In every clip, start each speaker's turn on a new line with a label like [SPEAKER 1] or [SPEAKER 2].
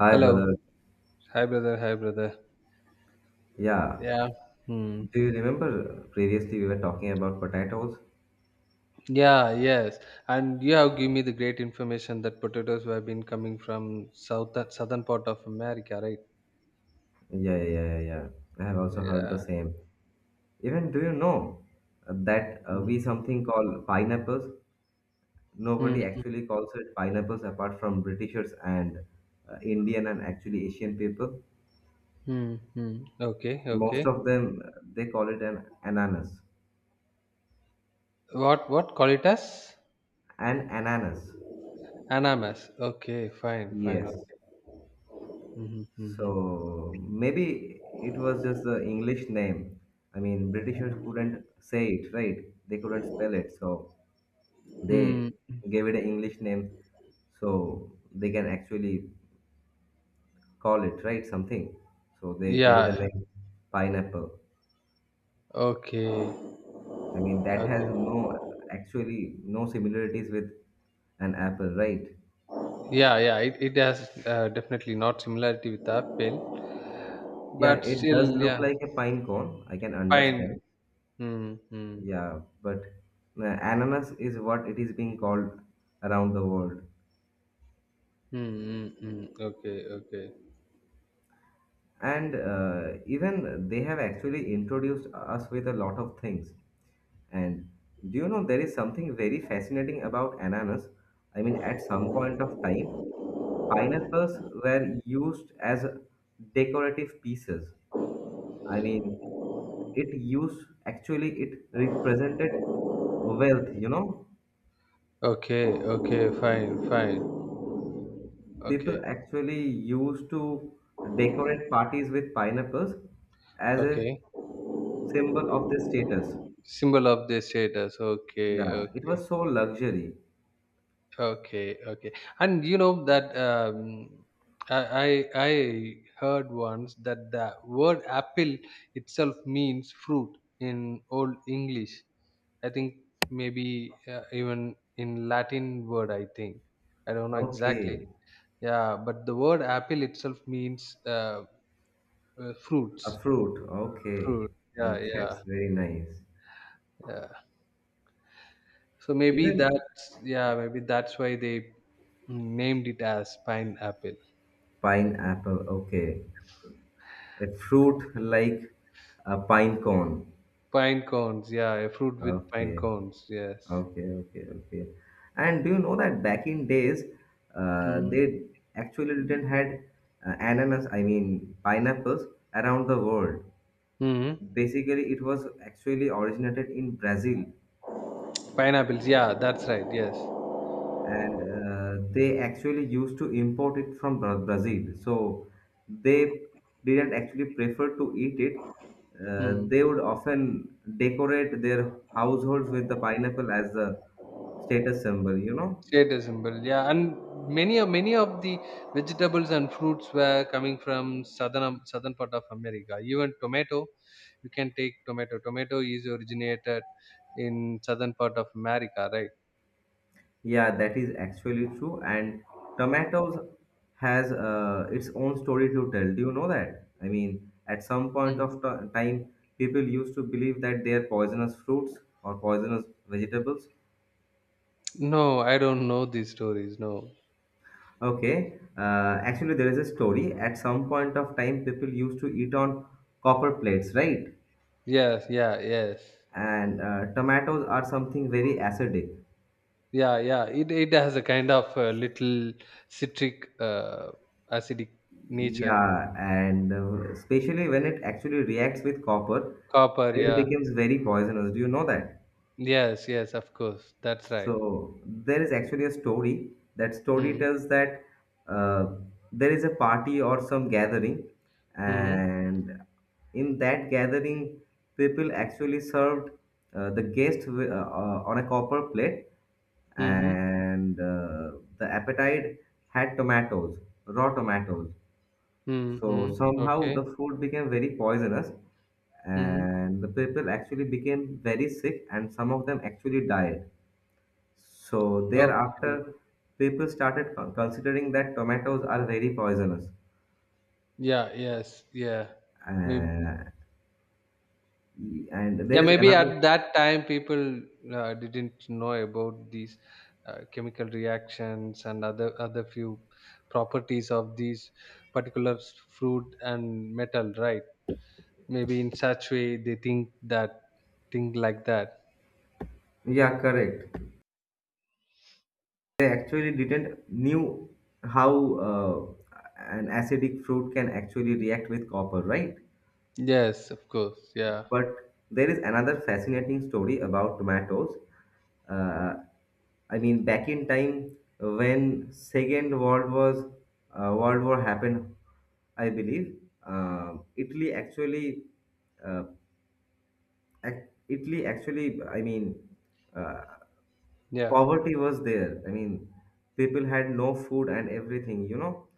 [SPEAKER 1] Hi,
[SPEAKER 2] Hello.
[SPEAKER 1] brother.
[SPEAKER 2] Hi, brother. Hi, brother.
[SPEAKER 1] Yeah.
[SPEAKER 2] Yeah. Hmm.
[SPEAKER 1] Do you remember previously we were talking about potatoes?
[SPEAKER 2] Yeah, yes. And you have given me the great information that potatoes have been coming from southern part of America, right?
[SPEAKER 1] Yeah, yeah, yeah, yeah, yeah. I have also heard the
[SPEAKER 2] Yeah.
[SPEAKER 1] same. Even do you know that we
[SPEAKER 2] Hmm.
[SPEAKER 1] something called pineapples?
[SPEAKER 2] Hmm.
[SPEAKER 1] Nobody actually calls it pineapples apart from Britishers and Indian and actually Asian people.
[SPEAKER 2] Hmm. Hmm. Okay.
[SPEAKER 1] Most
[SPEAKER 2] Okay.
[SPEAKER 1] of them they call it an ananas.
[SPEAKER 2] What call it as?
[SPEAKER 1] An ananas.
[SPEAKER 2] Ananas. Okay. Fine. Fine.
[SPEAKER 1] Yes.
[SPEAKER 2] Okay. Mm-hmm. Mm-hmm.
[SPEAKER 1] So maybe it was just the English name. I mean, Britishers couldn't say it, right? They couldn't spell it, so
[SPEAKER 2] Hmm. Hmm.
[SPEAKER 1] they
[SPEAKER 2] Hmm.
[SPEAKER 1] gave it an English name so they can actually call it, right? Something. So they gave it
[SPEAKER 2] Yeah.
[SPEAKER 1] a name, pineapple.
[SPEAKER 2] Okay.
[SPEAKER 1] I mean, that has
[SPEAKER 2] Okay.
[SPEAKER 1] no actually no similarities with an apple, right?
[SPEAKER 2] Yeah. Yeah. It has definitely not similarity with apple,
[SPEAKER 1] Yeah,
[SPEAKER 2] but
[SPEAKER 1] it does
[SPEAKER 2] still,
[SPEAKER 1] look
[SPEAKER 2] yeah.
[SPEAKER 1] like a pine cone. I can
[SPEAKER 2] Fine.
[SPEAKER 1] understand.
[SPEAKER 2] Hmm. Hmm.
[SPEAKER 1] Yeah, but ananas is what it is being called around the world.
[SPEAKER 2] Hmm. Hmm. Mm. Okay, okay,
[SPEAKER 1] And even they have actually introduced us with a lot of things. And do you know there is something very fascinating about ananas? I mean, at some point of time, pineapples were used as decorative pieces. I mean, it used actually it represented wealth,
[SPEAKER 2] okay, okay. Fine, fine.
[SPEAKER 1] people
[SPEAKER 2] Okay,
[SPEAKER 1] actually used to decorate parties with pineapples as a
[SPEAKER 2] okay.
[SPEAKER 1] symbol of their status.
[SPEAKER 2] Symbol of the status. Okay,
[SPEAKER 1] Yeah, it
[SPEAKER 2] okay,
[SPEAKER 1] was so luxury.
[SPEAKER 2] okay, okay. And you know that I I I heard once that the word apple itself means fruit in Old English. I think maybe even in Latin word. I think I don't know
[SPEAKER 1] Okay,
[SPEAKER 2] exactly. Yeah, but the word apple itself means
[SPEAKER 1] a
[SPEAKER 2] fruits.
[SPEAKER 1] fruit. Okay,
[SPEAKER 2] Fruit. Yeah,
[SPEAKER 1] and
[SPEAKER 2] yeah,
[SPEAKER 1] that's very nice.
[SPEAKER 2] yeah. So maybe
[SPEAKER 1] Even
[SPEAKER 2] that's why they named it as pineapple.
[SPEAKER 1] pineapple. Okay, a fruit like a pine cone.
[SPEAKER 2] Pine cones. Yeah, a fruit with pine
[SPEAKER 1] Okay.
[SPEAKER 2] cones. Yes.
[SPEAKER 1] Okay, okay, okay. And do you know that back in days,
[SPEAKER 2] Mm.
[SPEAKER 1] they actually didn't had ananas, I mean pineapples around the world.
[SPEAKER 2] Hmm.
[SPEAKER 1] Basically, it was actually originated in Brazil,
[SPEAKER 2] Pineapples. Yeah, that's right. Yes.
[SPEAKER 1] and they actually used to import it from Brazil. So they didn't actually prefer to eat it.
[SPEAKER 2] Mm.
[SPEAKER 1] They would often decorate their households with the pineapple as the status symbol, you know?
[SPEAKER 2] Status symbol, yeah, and many of the vegetables and fruits were coming from southern part of America. Even tomato, you can take tomato. Tomato is originated in southern part of America, right?
[SPEAKER 1] Yeah, that is actually true. And tomatoes has its own story to tell. Do you know that? I mean, at some point
[SPEAKER 2] Mm.
[SPEAKER 1] of time, people used to believe that they are poisonous fruits or poisonous vegetables.
[SPEAKER 2] No, I don't know these stories. No.
[SPEAKER 1] Okay, actually, there is a story. At some point of time, people used to eat on copper plates, right?
[SPEAKER 2] Yes, yeah, yes,
[SPEAKER 1] And tomatoes are something very acidic.
[SPEAKER 2] yeah, yeah. It has a kind of little citric, acidic nature.
[SPEAKER 1] Yeah, and especially when it actually reacts with copper,
[SPEAKER 2] Copper,
[SPEAKER 1] it
[SPEAKER 2] yeah.
[SPEAKER 1] becomes very poisonous. Do you know that?
[SPEAKER 2] Yes, yes, of course. That's right.
[SPEAKER 1] So there is actually a story. That story
[SPEAKER 2] Mm-hmm.
[SPEAKER 1] tells that uh, there is a party or some gathering, and in that gathering, people actually served the guest on a copper plate,
[SPEAKER 2] Mm-hmm.
[SPEAKER 1] and the appetite had tomatoes, raw tomatoes, so
[SPEAKER 2] Mm-hmm.
[SPEAKER 1] somehow the
[SPEAKER 2] Okay.
[SPEAKER 1] food became very poisonous,
[SPEAKER 2] Mm-hmm.
[SPEAKER 1] and the people actually became very sick, and some of them actually died. So
[SPEAKER 2] Okay.
[SPEAKER 1] thereafter, people started considering that tomatoes are very poisonous.
[SPEAKER 2] Yeah. Yes. Yeah. Maybe.
[SPEAKER 1] Uh, and
[SPEAKER 2] Yeah.
[SPEAKER 1] there is
[SPEAKER 2] Maybe
[SPEAKER 1] another,
[SPEAKER 2] at that time, people didn't know about these chemical reactions and other few properties of these particular fruit and metal, right? Maybe in such way they think like that.
[SPEAKER 1] yeah, correct. They actually didn't knew how an acidic fruit can actually react with copper, right?
[SPEAKER 2] Yes. Of course. Yeah.
[SPEAKER 1] But there is another fascinating story about tomatoes. Uh, I mean, back in time when Second World was World War happened, I believe Italy actually, uh, ac- Italy actually, I mean, uh,
[SPEAKER 2] Yeah.
[SPEAKER 1] poverty was there. I mean, people had no food and everything. You know,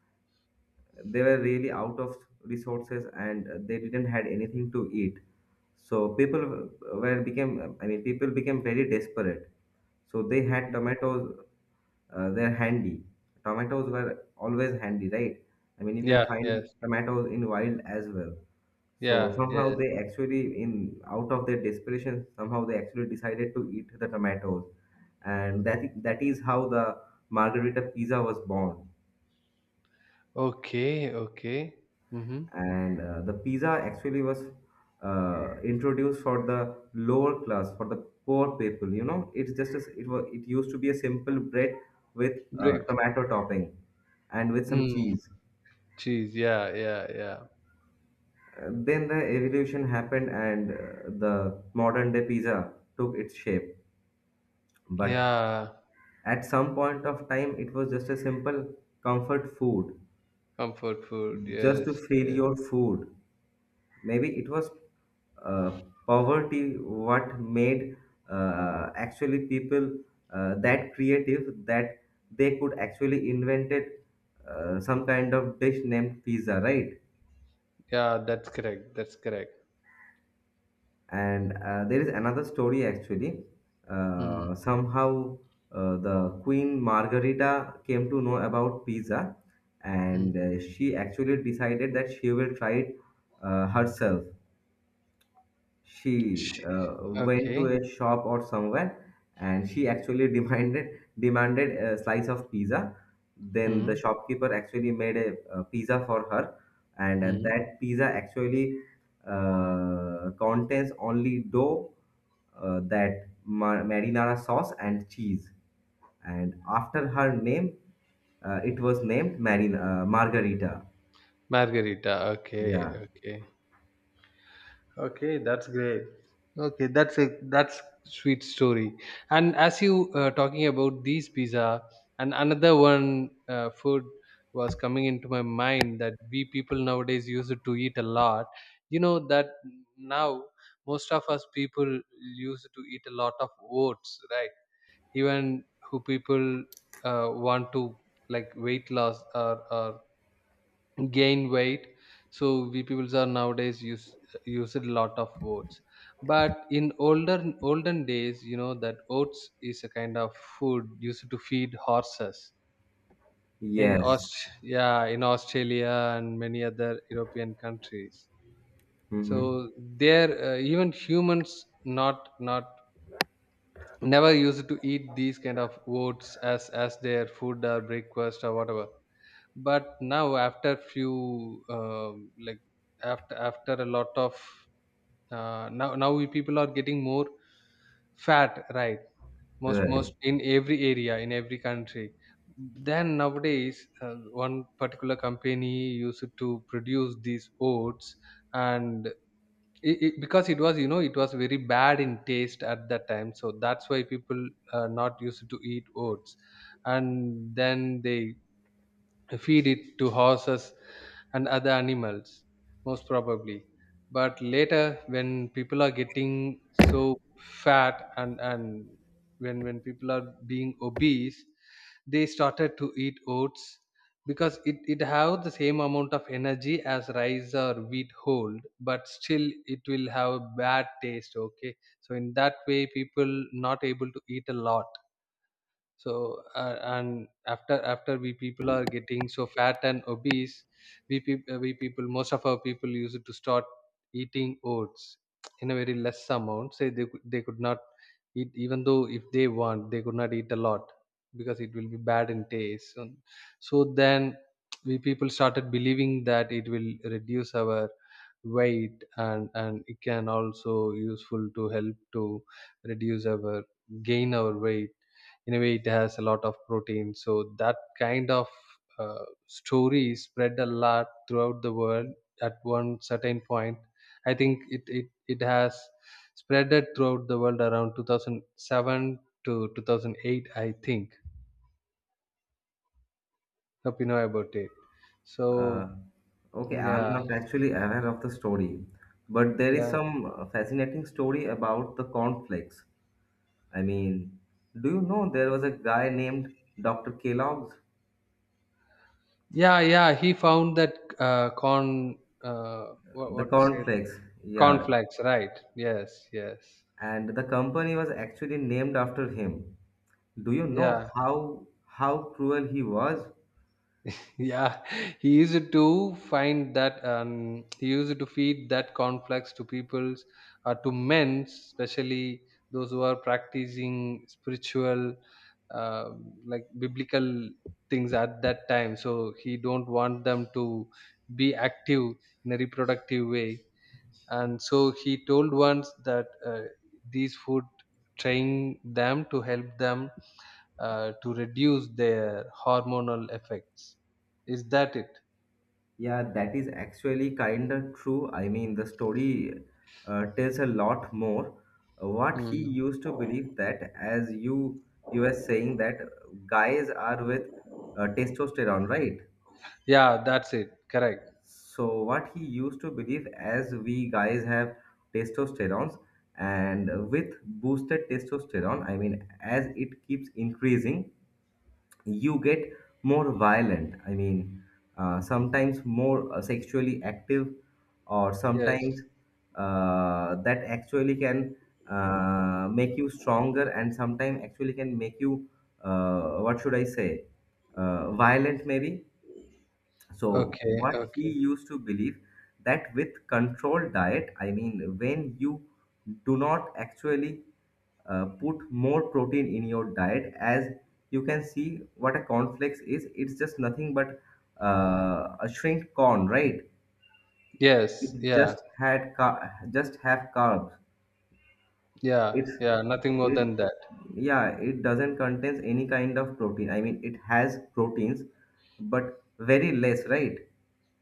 [SPEAKER 1] they were really out of resources and they didn't had anything to eat, so people w- were became I mean people became very desperate, so they had tomatoes. They're handy Tomatoes were always handy, right? I mean, you can
[SPEAKER 2] Yeah.
[SPEAKER 1] find
[SPEAKER 2] Yes.
[SPEAKER 1] tomatoes in wild as well. So
[SPEAKER 2] Yeah.
[SPEAKER 1] somehow
[SPEAKER 2] Yeah.
[SPEAKER 1] they actually, in out of their desperation, somehow they actually decided to eat the tomatoes, and that is how the margarita pizza was born.
[SPEAKER 2] Okay. Okay. Mm-hmm.
[SPEAKER 1] And the pizza actually was introduced for the lower class, for the poor people. You know, it's just as it was, it used to be a simple bread with
[SPEAKER 2] Break.
[SPEAKER 1] tomato topping and with some cheese.
[SPEAKER 2] Cheese, yeah, yeah, yeah.
[SPEAKER 1] Then the evolution happened and the modern day pizza took its shape, but
[SPEAKER 2] Yeah,
[SPEAKER 1] at some point of time it was just a simple comfort food,
[SPEAKER 2] comfort food.
[SPEAKER 1] just to
[SPEAKER 2] Yes,
[SPEAKER 1] fill
[SPEAKER 2] yes.
[SPEAKER 1] your food. Maybe it was uh, poverty what made actually people that creative that they could actually invented some kind of dish named pizza, right?
[SPEAKER 2] Yeah, that's correct. That's correct.
[SPEAKER 1] And there is another story actually.
[SPEAKER 2] Mm-hmm.
[SPEAKER 1] Somehow the Queen Margarita came to know about pizza, and she actually decided that she will try it herself. She went to
[SPEAKER 2] Okay.
[SPEAKER 1] a shop or somewhere, and she actually demanded a slice of pizza. Then the
[SPEAKER 2] Mm-hmm.
[SPEAKER 1] shopkeeper actually made a, pizza for her, and that pizza actually contains only dough, marinara sauce and cheese, and after her name it was named margarita.
[SPEAKER 2] Margarita. Okay,
[SPEAKER 1] Yeah.
[SPEAKER 2] okay. Okay, that's great. Okay, that's a that's sweet story. And as you talking about these pizza, and another one food was coming into my mind that we people nowadays used to eat a lot. You know that now most of us people used to eat a lot of oats, right? Even who people want to like weight loss or gain weight, so we peoples are nowadays use a lot of oats, but in older olden days you know that oats is a kind of food used to feed horses in
[SPEAKER 1] Yes.
[SPEAKER 2] Australia and many other European countries. So
[SPEAKER 1] Hmm.
[SPEAKER 2] there, even humans not not never used to eat these kind of oats as their food or breakfast or whatever. But now after few like after a lot of, now we people are getting more fat, right? Most
[SPEAKER 1] Right.
[SPEAKER 2] most in every area in every country, then nowadays one particular company used to produce these oats. And because it was, you know, it was very bad in taste at that time, so that's why people not used to eat oats, and then they feed it to horses and other animals most probably. But later when people are getting so fat, and when people are being obese, they started to eat oats, because it have the same amount of energy as rice or wheat hold, but still it will have a bad taste, okay? So in that way people not able to eat a lot. So and after we people are getting so fat and obese, we people most of our people used to start eating oats in a very less amount. Say they could not eat, even though if they want they could not eat a lot, because it will be bad in taste. So, so then we people started believing that it will reduce our weight, and it can also useful to help to reduce our gain our weight. In a way it has a lot of protein, so that kind of story spread a lot throughout the world at one certain point. I think it has spreaded throughout the world around 2007 to 2008, I think. Hope you know about it. So
[SPEAKER 1] Uh, okay, I'm
[SPEAKER 2] yeah,
[SPEAKER 1] not actually aware of the story, but there is
[SPEAKER 2] yeah,
[SPEAKER 1] some fascinating story about the cornflakes. I mean, do you know there was a guy named Dr. Kellogg's?
[SPEAKER 2] yeah, yeah, he found that corn, uh, what,
[SPEAKER 1] The
[SPEAKER 2] what to say,
[SPEAKER 1] cornflakes, yeah,
[SPEAKER 2] cornflakes, right? Yes, yes,
[SPEAKER 1] and the company was actually named after him. Do you know
[SPEAKER 2] yeah.
[SPEAKER 1] how cruel he was?
[SPEAKER 2] Yeah, he used to find that he used to feed that conflicts to peoples, or to men, especially those who are practicing spiritual, uh, like biblical things at that time. So he don't want them to be active in a reproductive way. And so he told once that these food train them to help them to reduce their hormonal effects. Is that it?
[SPEAKER 1] Yeah, that is actually kind of true. I mean, the story tells a lot more. What he
[SPEAKER 2] Hmm.
[SPEAKER 1] used to believe that, as you were saying that guys are with testosterone, right?
[SPEAKER 2] Yeah, that's it. Correct.
[SPEAKER 1] So what he used to believe as we guys have testosterones, and with boosted testosterone, I mean, as it keeps increasing, you get more violent. I mean, sometimes more sexually active, or
[SPEAKER 2] Yes.
[SPEAKER 1] sometimes that actually can make you stronger, and sometimes actually can make you what should I say, violent maybe. So
[SPEAKER 2] Okay.
[SPEAKER 1] what he
[SPEAKER 2] Okay.
[SPEAKER 1] used to believe that with controlled diet, I mean, when you do not actually put more protein in your diet, as you can see what a cornflakes is, it's just nothing but a shrinked corn, right?
[SPEAKER 2] Yes.
[SPEAKER 1] It
[SPEAKER 2] Yeah.
[SPEAKER 1] just just have carbs.
[SPEAKER 2] Yeah.
[SPEAKER 1] It's
[SPEAKER 2] Yeah. Nothing more
[SPEAKER 1] it
[SPEAKER 2] than that.
[SPEAKER 1] Yeah, it doesn't contains any kind of protein. I mean, it has proteins, but very less, right?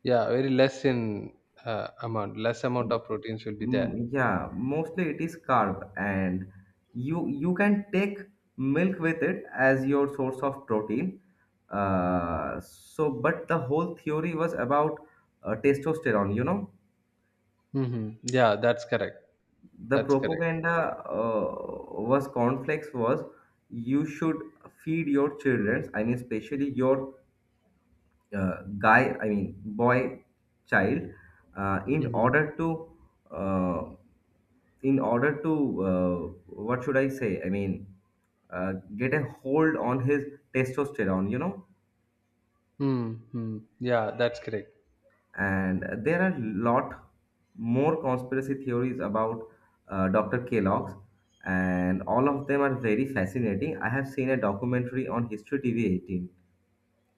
[SPEAKER 2] Yeah. Very less in amount. Less amount of proteins will be there.
[SPEAKER 1] Mm, yeah, mostly it is carb, and you can take milk with it as your source of protein. So, but the whole theory was about testosterone. You know,
[SPEAKER 2] Mm-hmm. Yeah. That's correct.
[SPEAKER 1] the
[SPEAKER 2] That's correct.
[SPEAKER 1] propaganda was cornflakes was you should feed your children. I mean, especially your guy. I mean, boy child, uh, in
[SPEAKER 2] Mm-hmm.
[SPEAKER 1] order to uh, in order to uh, what should I say, I mean, get a hold on his testosterone, you know.
[SPEAKER 2] Mm-hmm. Yeah. That's correct.
[SPEAKER 1] And there are lot more conspiracy theories about Dr. Kellogg's, and all of them are very fascinating. I have seen a documentary on History TV 18,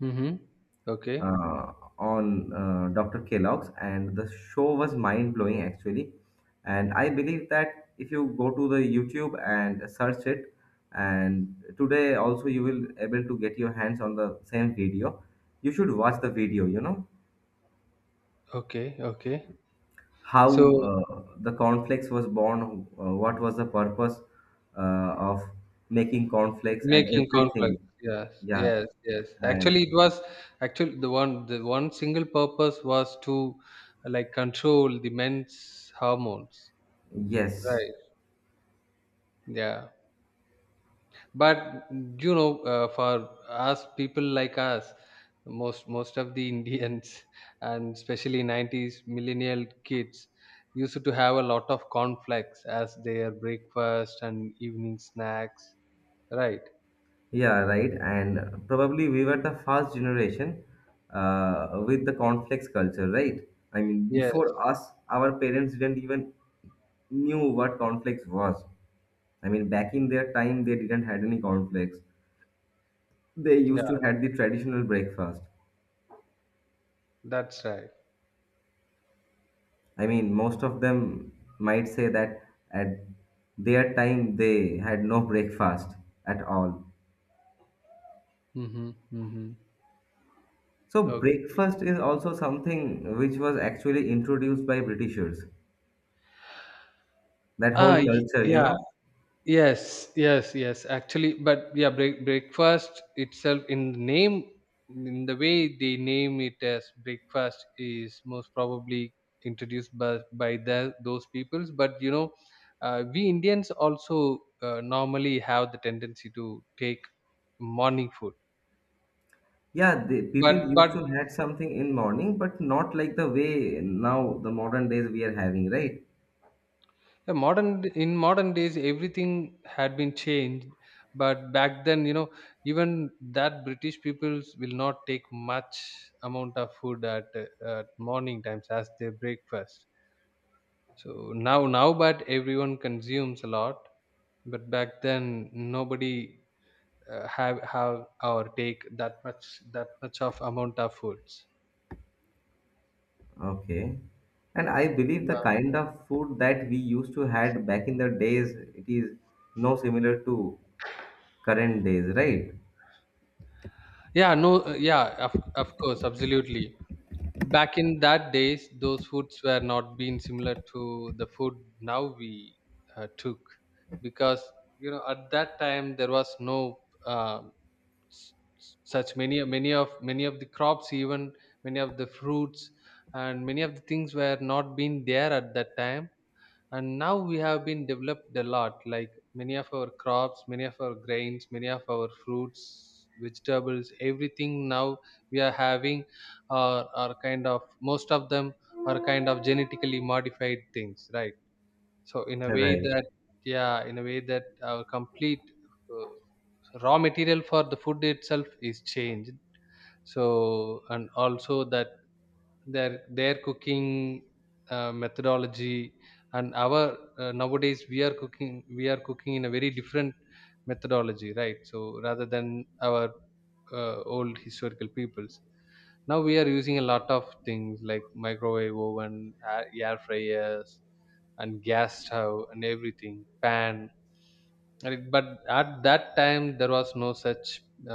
[SPEAKER 2] Mm-hmm. Okay.
[SPEAKER 1] on Dr. Kellogg's, and the show was mind blowing actually. And I believe that if you go to the YouTube and search it, and today also you will able to get your hands on the same video. You should watch the video. You know
[SPEAKER 2] Okay. Okay.
[SPEAKER 1] how
[SPEAKER 2] So
[SPEAKER 1] the cornflakes was born, what was the purpose of making cornflakes and
[SPEAKER 2] making
[SPEAKER 1] everything.
[SPEAKER 2] conflict. Yes,
[SPEAKER 1] Yeah,
[SPEAKER 2] yes, yes.
[SPEAKER 1] and
[SPEAKER 2] Actually, it was actually the one single purpose was to like control the men's hormones.
[SPEAKER 1] yes.
[SPEAKER 2] Right. Yeah. But you know, for us people like us, most of the Indians and especially 90s millennial kids used to have a lot of conflicts as their breakfast and evening snacks. Right.
[SPEAKER 1] Yeah, right. And probably we were the first generation with the cornflakes culture, right? I mean,
[SPEAKER 2] Yes.
[SPEAKER 1] before us, our parents didn't even knew what cornflakes was. I mean, back in their time, they didn't had any cornflakes. They used to
[SPEAKER 2] Yeah.
[SPEAKER 1] had the traditional breakfast.
[SPEAKER 2] That's right.
[SPEAKER 1] I mean, most of them might say that at their time they had no breakfast at all.
[SPEAKER 2] Mm-hmm, mm-hmm.
[SPEAKER 1] So
[SPEAKER 2] Okay.
[SPEAKER 1] breakfast is also something which was actually introduced by Britishers. That whole
[SPEAKER 2] Ah,
[SPEAKER 1] culture, you
[SPEAKER 2] yeah.
[SPEAKER 1] know.
[SPEAKER 2] Yes, yes, yes. Actually, but yeah, breakfast itself in the name, in the way they name it as breakfast, is most probably introduced by those peoples. But you know, we Indians also normally have the tendency to take morning food.
[SPEAKER 1] Yeah, the people
[SPEAKER 2] But
[SPEAKER 1] used
[SPEAKER 2] but
[SPEAKER 1] to had something in morning, but not like the way now the modern days we are having, right?
[SPEAKER 2] yeah, modern in modern days everything had been changed, but back then you know even that british peoples will not take much amount of food at morning times as their breakfast. So now now but everyone consumes a lot, but back then nobody, have or take that much of amount of foods.
[SPEAKER 1] Okay, and I believe the
[SPEAKER 2] Yeah,
[SPEAKER 1] kind of food that we used to had back in the days, it is no similar to current days, right?
[SPEAKER 2] yeah, no, yeah, of course, absolutely. Back in that days, those foods were not being similar to the food now we took, because you know at that time there was no, uh, s- such many of the crops, even many of the fruits and many of the things were not being there at that time. And now we have been developed a lot, like many of our crops, many of our grains, many of our fruits, vegetables, everything now we are having are kind of most of them are kind of genetically modified things, right? So in a way
[SPEAKER 1] Right.
[SPEAKER 2] that, yeah, in a way that our complete uh, raw material for the food itself is changed. So and also that their cooking methodology, and our, nowadays we are cooking, we are cooking in a very different methodology, right? So rather than our old historical peoples, now we are using a lot of things like microwave oven, air fryers and gas stove and everything, pan. Right, but at that time there was no such,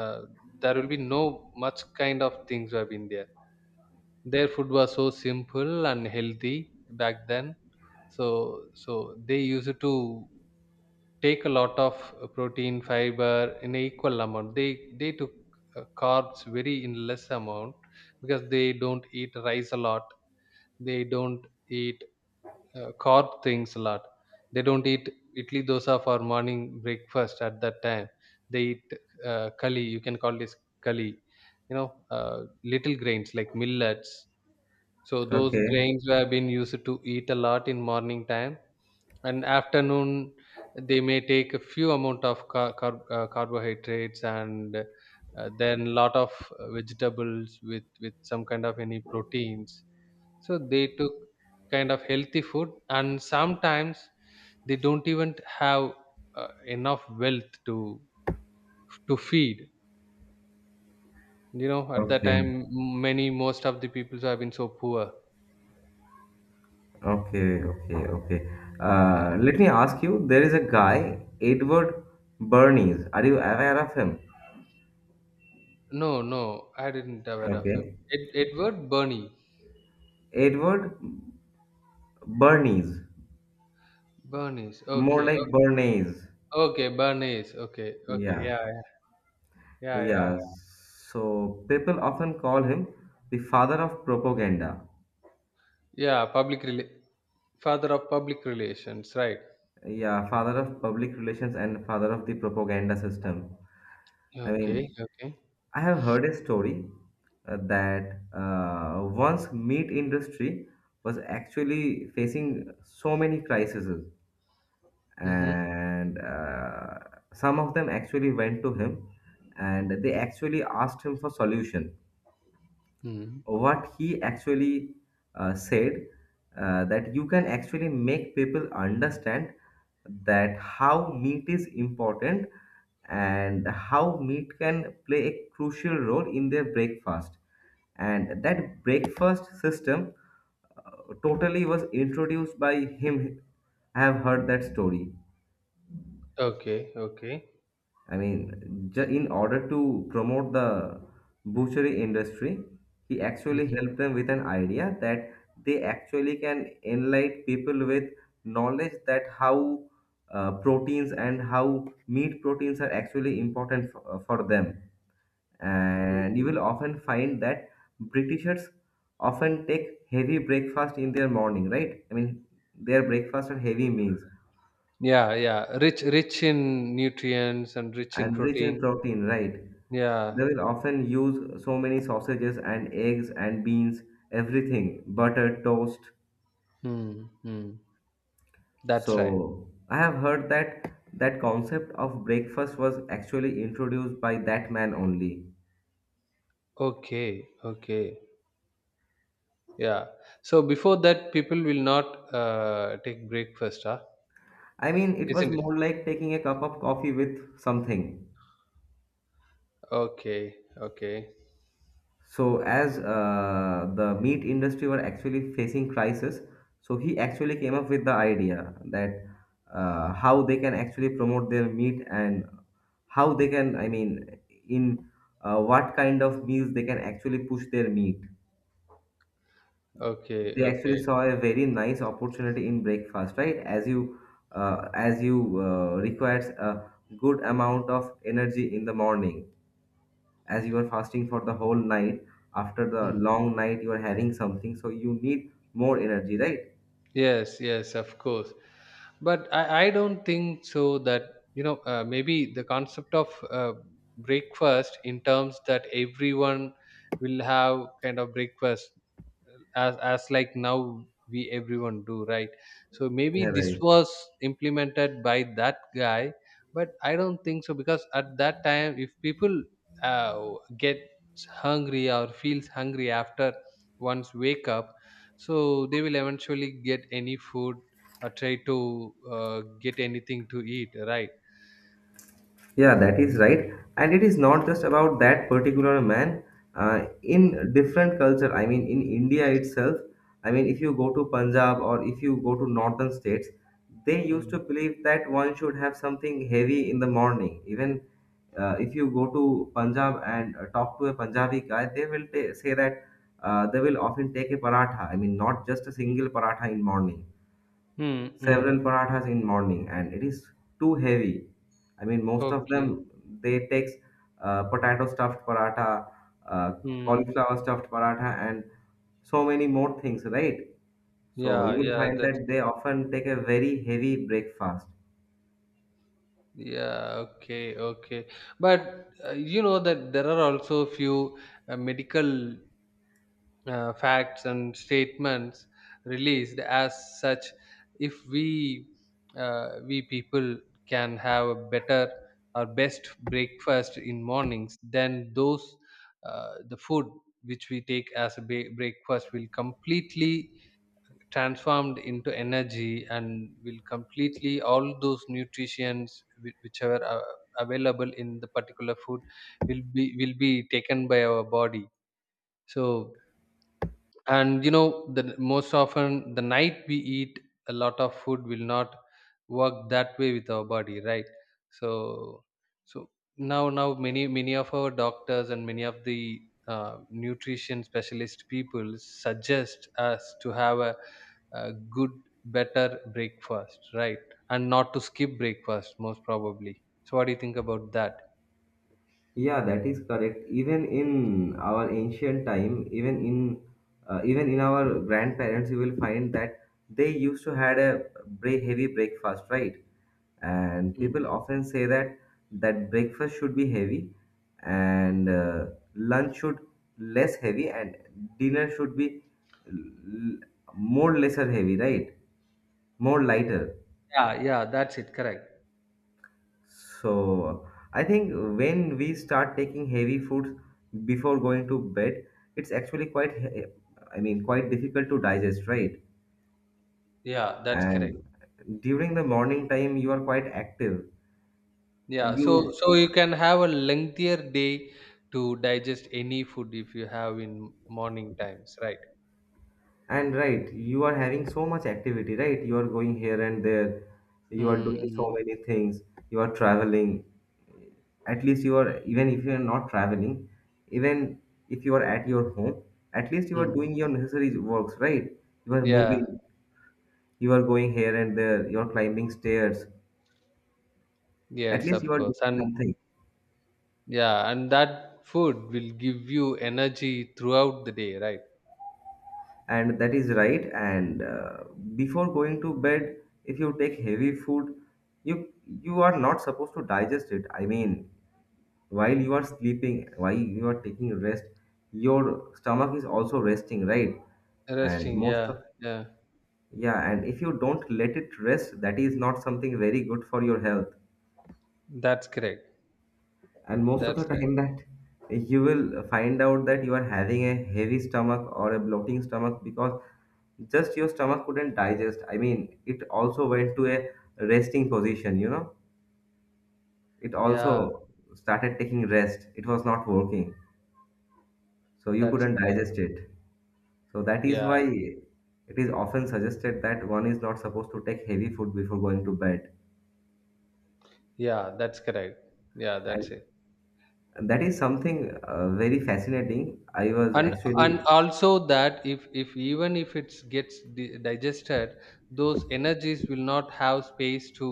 [SPEAKER 2] uh, there will be no much kind of things have been there. Their food was so simple and healthy back then. So so they used to take a lot of protein, fiber in an equal amount. They took carbs very in less amount, because they don't eat rice a lot. They don't eat carb things a lot. They don't eat idli dosa for morning breakfast at that time. They eat kali. You can call this kali. You know, little grains like millets, so those
[SPEAKER 1] Okay,
[SPEAKER 2] grains were been used to eat a lot in morning time, and afternoon they may take a few amount of carbohydrates and then lot of vegetables with some kind of any proteins. So they took kind of healthy food, and sometimes they don't even have enough wealth to feed. You know, at that
[SPEAKER 1] okay,
[SPEAKER 2] time, many most of the people have been so poor.
[SPEAKER 1] okay, okay, okay.
[SPEAKER 2] Yeah.
[SPEAKER 1] Let me ask you, there is a guy, Edward Bernays. Are you aware of him?
[SPEAKER 2] No, no, I didn't aware of him.
[SPEAKER 1] Okay.
[SPEAKER 2] Ed, Edward Bernie.
[SPEAKER 1] Edward Bernays.
[SPEAKER 2] Bernice.
[SPEAKER 1] More
[SPEAKER 2] Okay.
[SPEAKER 1] like
[SPEAKER 2] O-
[SPEAKER 1] Bernays.
[SPEAKER 2] okay, Bernice. Okay. Okay.
[SPEAKER 1] Yeah.
[SPEAKER 2] Yeah. Yeah. Yeah. Yeah. Yeah.
[SPEAKER 1] Yeah. So people often call him the father of propaganda.
[SPEAKER 2] Yeah, father of public relations. Right.
[SPEAKER 1] Yeah, father of public relations and father of the propaganda system. I
[SPEAKER 2] Okay.
[SPEAKER 1] mean,
[SPEAKER 2] Okay.
[SPEAKER 1] I have heard a story that once meat industry was actually facing so many crises,
[SPEAKER 2] Mm-hmm.
[SPEAKER 1] and some of them actually went to him and they actually asked him for solution.
[SPEAKER 2] Mm-hmm.
[SPEAKER 1] What he actually said that you can actually make people understand that how meat is important and how meat can play a crucial role in their breakfast, and that breakfast system totally was introduced by him. I have heard that story.
[SPEAKER 2] Okay. Okay.
[SPEAKER 1] I mean, in order to promote the butchery industry, he actually
[SPEAKER 2] Mm-hmm.
[SPEAKER 1] helped them with an idea that they actually can enlighten people with knowledge that how proteins and how meat proteins are actually important for them. And you
[SPEAKER 2] Mm-hmm.
[SPEAKER 1] will often find that Britishers often take heavy breakfast in their morning, right? I mean, their breakfast are heavy meals.
[SPEAKER 2] Yeah. Yeah. Rich. Rich in nutrients and rich in
[SPEAKER 1] And rich in
[SPEAKER 2] protein.
[SPEAKER 1] protein, right?
[SPEAKER 2] Yeah.
[SPEAKER 1] They will often use so many sausages and eggs and beans, everything, butter, toast.
[SPEAKER 2] Mm-hmm. That's right.
[SPEAKER 1] So I have heard that that concept of breakfast was actually introduced by that man only.
[SPEAKER 2] Okay. Okay. Yeah. So before that, people will not take breakfast, huh?
[SPEAKER 1] I mean, it was
[SPEAKER 2] Isn't it?
[SPEAKER 1] more like taking a cup of coffee with something.
[SPEAKER 2] Okay, okay,
[SPEAKER 1] So as the meat industry were actually facing crisis, so he actually came up with the idea that how they can actually promote their meat and how they can, I mean, in what kind of meals they can actually push their meat.
[SPEAKER 2] okay,
[SPEAKER 1] They actually
[SPEAKER 2] okay.
[SPEAKER 1] saw a very nice opportunity in breakfast, right? As you requires a good amount of energy in the morning, as you are fasting for the whole night. After the
[SPEAKER 2] Mm.
[SPEAKER 1] long night you are having something, so you need more energy, right?
[SPEAKER 2] Yes, yes, of course. But I don't think so that, maybe the concept of breakfast in terms that everyone will have kind of breakfast as like now we everyone do, right? So maybe
[SPEAKER 1] Yeah,
[SPEAKER 2] this
[SPEAKER 1] right.
[SPEAKER 2] was implemented by that guy. But I don't think so, because at that time if people uh, get hungry or feels hungry after once wake up, so they will eventually get any food or try to get anything to eat, right?
[SPEAKER 1] Yeah, that is right. And it is not just about that particular man. In different culture, I mean, in India itself, I mean, if you go to Punjab or if you go to northern states, they used to
[SPEAKER 2] Mm.
[SPEAKER 1] believe that one should have something heavy in the morning. Even if you go to Punjab and talk to a Punjabi guy, they will say that they will often take a paratha. I mean, not just a single paratha in morning,
[SPEAKER 2] Mm,
[SPEAKER 1] several
[SPEAKER 2] mm.
[SPEAKER 1] parathas in morning, and it is too heavy. I mean, most of them,
[SPEAKER 2] Okay.
[SPEAKER 1] they takes potato stuffed paratha, uh,
[SPEAKER 2] Mm.
[SPEAKER 1] cauliflower stuffed paratha, and so many more things, right? So
[SPEAKER 2] yeah
[SPEAKER 1] you will
[SPEAKER 2] yeah
[SPEAKER 1] find that
[SPEAKER 2] that's
[SPEAKER 1] they often take a very heavy breakfast.
[SPEAKER 2] yeah, okay, okay. But you know that there are also few medical facts and statements released as such. If we we people can have a better or best breakfast in mornings, then those the food which we take as a breakfast will completely transformed into energy, and will completely all those nutrients which are available in the particular food will be taken by our body. So, and you know the most often the night we eat a lot of food will not work that way with our body, right? So so now many of our doctors and many of the nutrition specialist people suggest us to have a good better breakfast, right? And not to skip breakfast most probably. So what do you think about that?
[SPEAKER 1] Yeah, that is correct. Even in our ancient time, even in our grandparents, you will find that they used to had a heavy breakfast, right? And people
[SPEAKER 2] Mm.
[SPEAKER 1] often say that that breakfast should be heavy, and lunch should less heavy, and dinner should be l- more lesser heavy, right? More lighter.
[SPEAKER 2] Yeah, that's it, correct.
[SPEAKER 1] So I think when we start taking heavy foods before going to bed, it's actually quite I mean quite difficult to digest, right?
[SPEAKER 2] Yeah, that's correct.
[SPEAKER 1] And during the morning time you are quite active.
[SPEAKER 2] Yeah, so
[SPEAKER 1] You
[SPEAKER 2] so you can have a lengthier day to digest any food if you have in morning times, right?
[SPEAKER 1] And right, you are having so much activity, right? You are going here and there. You are
[SPEAKER 2] Mm,
[SPEAKER 1] doing so
[SPEAKER 2] mm,
[SPEAKER 1] many things. You are traveling. At least you are, even if you are not traveling, even if you are at your home, at least you are
[SPEAKER 2] mm.
[SPEAKER 1] doing your necessary works, right? You are
[SPEAKER 2] Yeah,
[SPEAKER 1] moving. You are going here and there. You are climbing stairs. At
[SPEAKER 2] yes,
[SPEAKER 1] least you
[SPEAKER 2] of
[SPEAKER 1] are doing
[SPEAKER 2] course. And
[SPEAKER 1] something.
[SPEAKER 2] yeah, and that food will give you energy throughout the day, right?
[SPEAKER 1] And that is right. And before going to bed, if you take heavy food, you you are not supposed to digest it. I mean, while you are sleeping, while you are taking rest, your stomach is also resting, right? And
[SPEAKER 2] Resting,
[SPEAKER 1] most
[SPEAKER 2] yeah,
[SPEAKER 1] of,
[SPEAKER 2] yeah.
[SPEAKER 1] yeah, and if you don't let it rest, that is not something very good for your health.
[SPEAKER 2] That's correct.
[SPEAKER 1] And most of the
[SPEAKER 2] That's right.
[SPEAKER 1] time that you will find out that you are having a heavy stomach or a bloating stomach, because just your stomach couldn't digest. I mean, it also went to a resting position, you know. It
[SPEAKER 2] Yeah,
[SPEAKER 1] also started taking rest. It was not working. So you
[SPEAKER 2] that's
[SPEAKER 1] couldn't
[SPEAKER 2] correct.
[SPEAKER 1] digest it. So that is why
[SPEAKER 2] Yeah,
[SPEAKER 1] it is often suggested that one is not supposed to take heavy food before going to bed.
[SPEAKER 2] yeah, that's correct. Yeah, that's
[SPEAKER 1] And
[SPEAKER 2] it.
[SPEAKER 1] that is something very fascinating. I was
[SPEAKER 2] and and
[SPEAKER 1] actually,
[SPEAKER 2] also that, if even if it gets digested, those energies will not have space to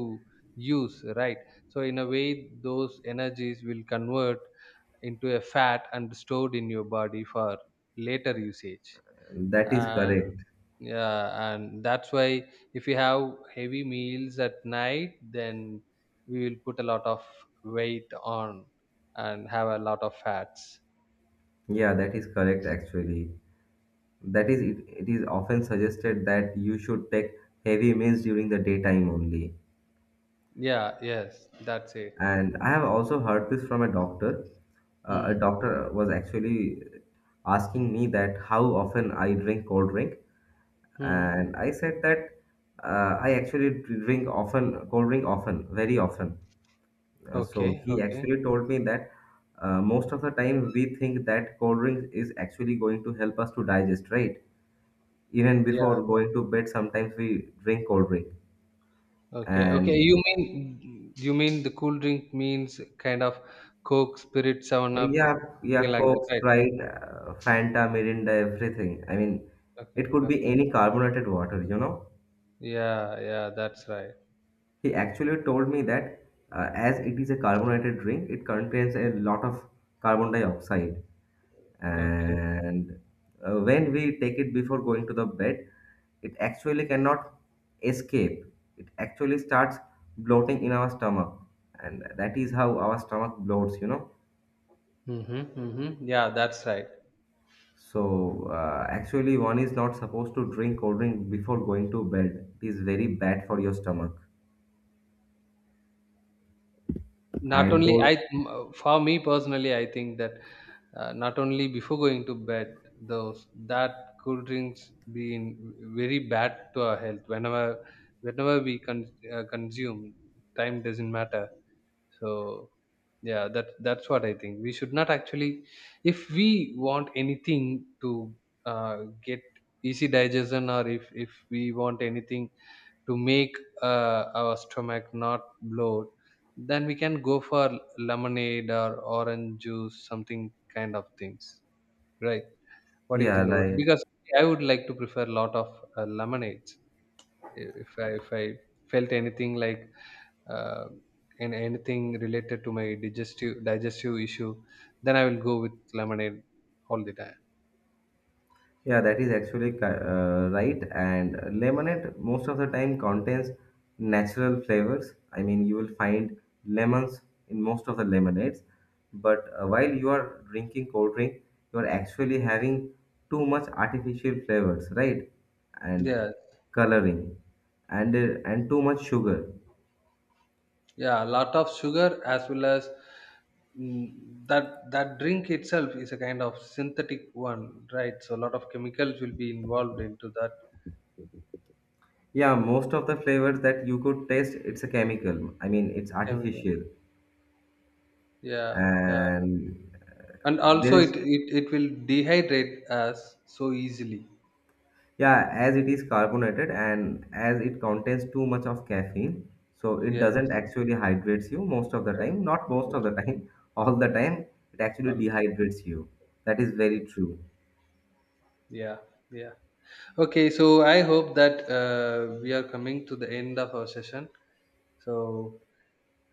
[SPEAKER 2] use, right? So in a way those energies will convert into a fat and stored in your body for later usage.
[SPEAKER 1] that is
[SPEAKER 2] uh,
[SPEAKER 1] correct.
[SPEAKER 2] yeah, and that's why if you have heavy meals at night, then we will put a lot of weight on and have a lot of fats.
[SPEAKER 1] Yeah, that is correct actually. That is, it is often suggested that you should take heavy meals during the daytime only.
[SPEAKER 2] Yeah, yes, that's it.
[SPEAKER 1] And I have also heard this from a doctor. A
[SPEAKER 2] Hmm.
[SPEAKER 1] doctor was actually asking me that how often I drink cold drink.
[SPEAKER 2] Hmm.
[SPEAKER 1] And I said that I actually cold drink often, very often. So
[SPEAKER 2] Okay.
[SPEAKER 1] he
[SPEAKER 2] Okay.
[SPEAKER 1] actually told me that most of the time we think that cold drink is actually going to help us to digest, right? Even
[SPEAKER 2] Yeah.
[SPEAKER 1] before going to bed, sometimes we drink cold drink.
[SPEAKER 2] Okay. Okay.
[SPEAKER 1] And
[SPEAKER 2] You mean, you mean the cool drink means kind of Coke, Spirit, Seven
[SPEAKER 1] uh,
[SPEAKER 2] Up,
[SPEAKER 1] yeah,
[SPEAKER 2] something
[SPEAKER 1] yeah,
[SPEAKER 2] like that,
[SPEAKER 1] Coke,
[SPEAKER 2] right?
[SPEAKER 1] Sprite, Fanta, Mirinda, everything. I mean,
[SPEAKER 2] Okay.
[SPEAKER 1] it could be
[SPEAKER 2] Okay.
[SPEAKER 1] any carbonated water, you know.
[SPEAKER 2] Yeah. Yeah. That's right.
[SPEAKER 1] He actually told me that as it is a carbonated drink, it contains a lot of carbon dioxide.
[SPEAKER 2] Okay.
[SPEAKER 1] And when we take it before going to the bed, it actually cannot escape. It actually starts bloating in our stomach. And that is how our stomach bloats, you know.
[SPEAKER 2] Mm-hmm, mm-hmm. Yeah. That's right.
[SPEAKER 1] So, actually, one is not supposed to drink cold drink before going to bed. It is very bad for your stomach.
[SPEAKER 2] Not
[SPEAKER 1] And
[SPEAKER 2] only
[SPEAKER 1] cold,
[SPEAKER 2] I, for me personally, I think that not only before going to bed, those that cool drinks being very bad to our health. Whenever, whenever we consume, time doesn't matter. So yeah, that that's what I think we should not actually. If we want anything to uh, get easy digestion, or if we want anything to make our stomach not bloat, then we can go for lemonade or orange juice, something kind of things, right? What do you
[SPEAKER 1] yeah,
[SPEAKER 2] think about,
[SPEAKER 1] right.
[SPEAKER 2] because I would like to prefer a lot of lemonades. If I, if I felt anything like uh, and anything related to my digestive issue, then I will go with lemonade all the time.
[SPEAKER 1] Yeah, that is actually right. And lemonade most of the time contains natural flavors. I mean, you will find lemons in most of the lemonades. But while you are drinking cold drink, you are actually having too much artificial flavors, right? And
[SPEAKER 2] Yeah,
[SPEAKER 1] coloring and too much sugar.
[SPEAKER 2] yeah, a lot of sugar, as well as mm, that that drink itself is a kind of synthetic one, right? So a lot of chemicals will be involved into that.
[SPEAKER 1] Yeah, most of the flavors that you could taste, it's a chemical. I mean, it's
[SPEAKER 2] Chemical.
[SPEAKER 1] artificial,
[SPEAKER 2] Yeah, yeah.
[SPEAKER 1] and
[SPEAKER 2] And
[SPEAKER 1] there
[SPEAKER 2] also, it,
[SPEAKER 1] is
[SPEAKER 2] it it will dehydrate us so easily.
[SPEAKER 1] yeah, as it is carbonated and as it contains too much of caffeine, so it
[SPEAKER 2] Yes,
[SPEAKER 1] doesn't actually hydrates you most of the
[SPEAKER 2] I-
[SPEAKER 1] time. Not most
[SPEAKER 2] yes,
[SPEAKER 1] of the time, all the time, it actually
[SPEAKER 2] um,
[SPEAKER 1] dehydrates you. That is very
[SPEAKER 2] yeah,
[SPEAKER 1] true.
[SPEAKER 2] yeah, yeah. Okay, so I hope that we are coming to the end of our session. So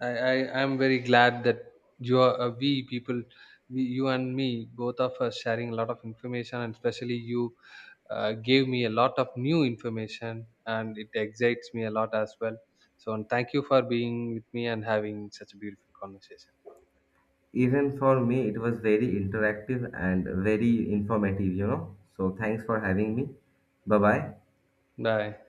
[SPEAKER 2] I am very glad that you are we people, we, you and me, both of us sharing a lot of information, and especially you gave me a lot of new information, and it excites me a lot as well. So and thank you for being with me and having such a beautiful conversation.
[SPEAKER 1] Even for me, it was very interactive and very informative, you know. So thanks for having me. Bye bye.
[SPEAKER 2] Bye.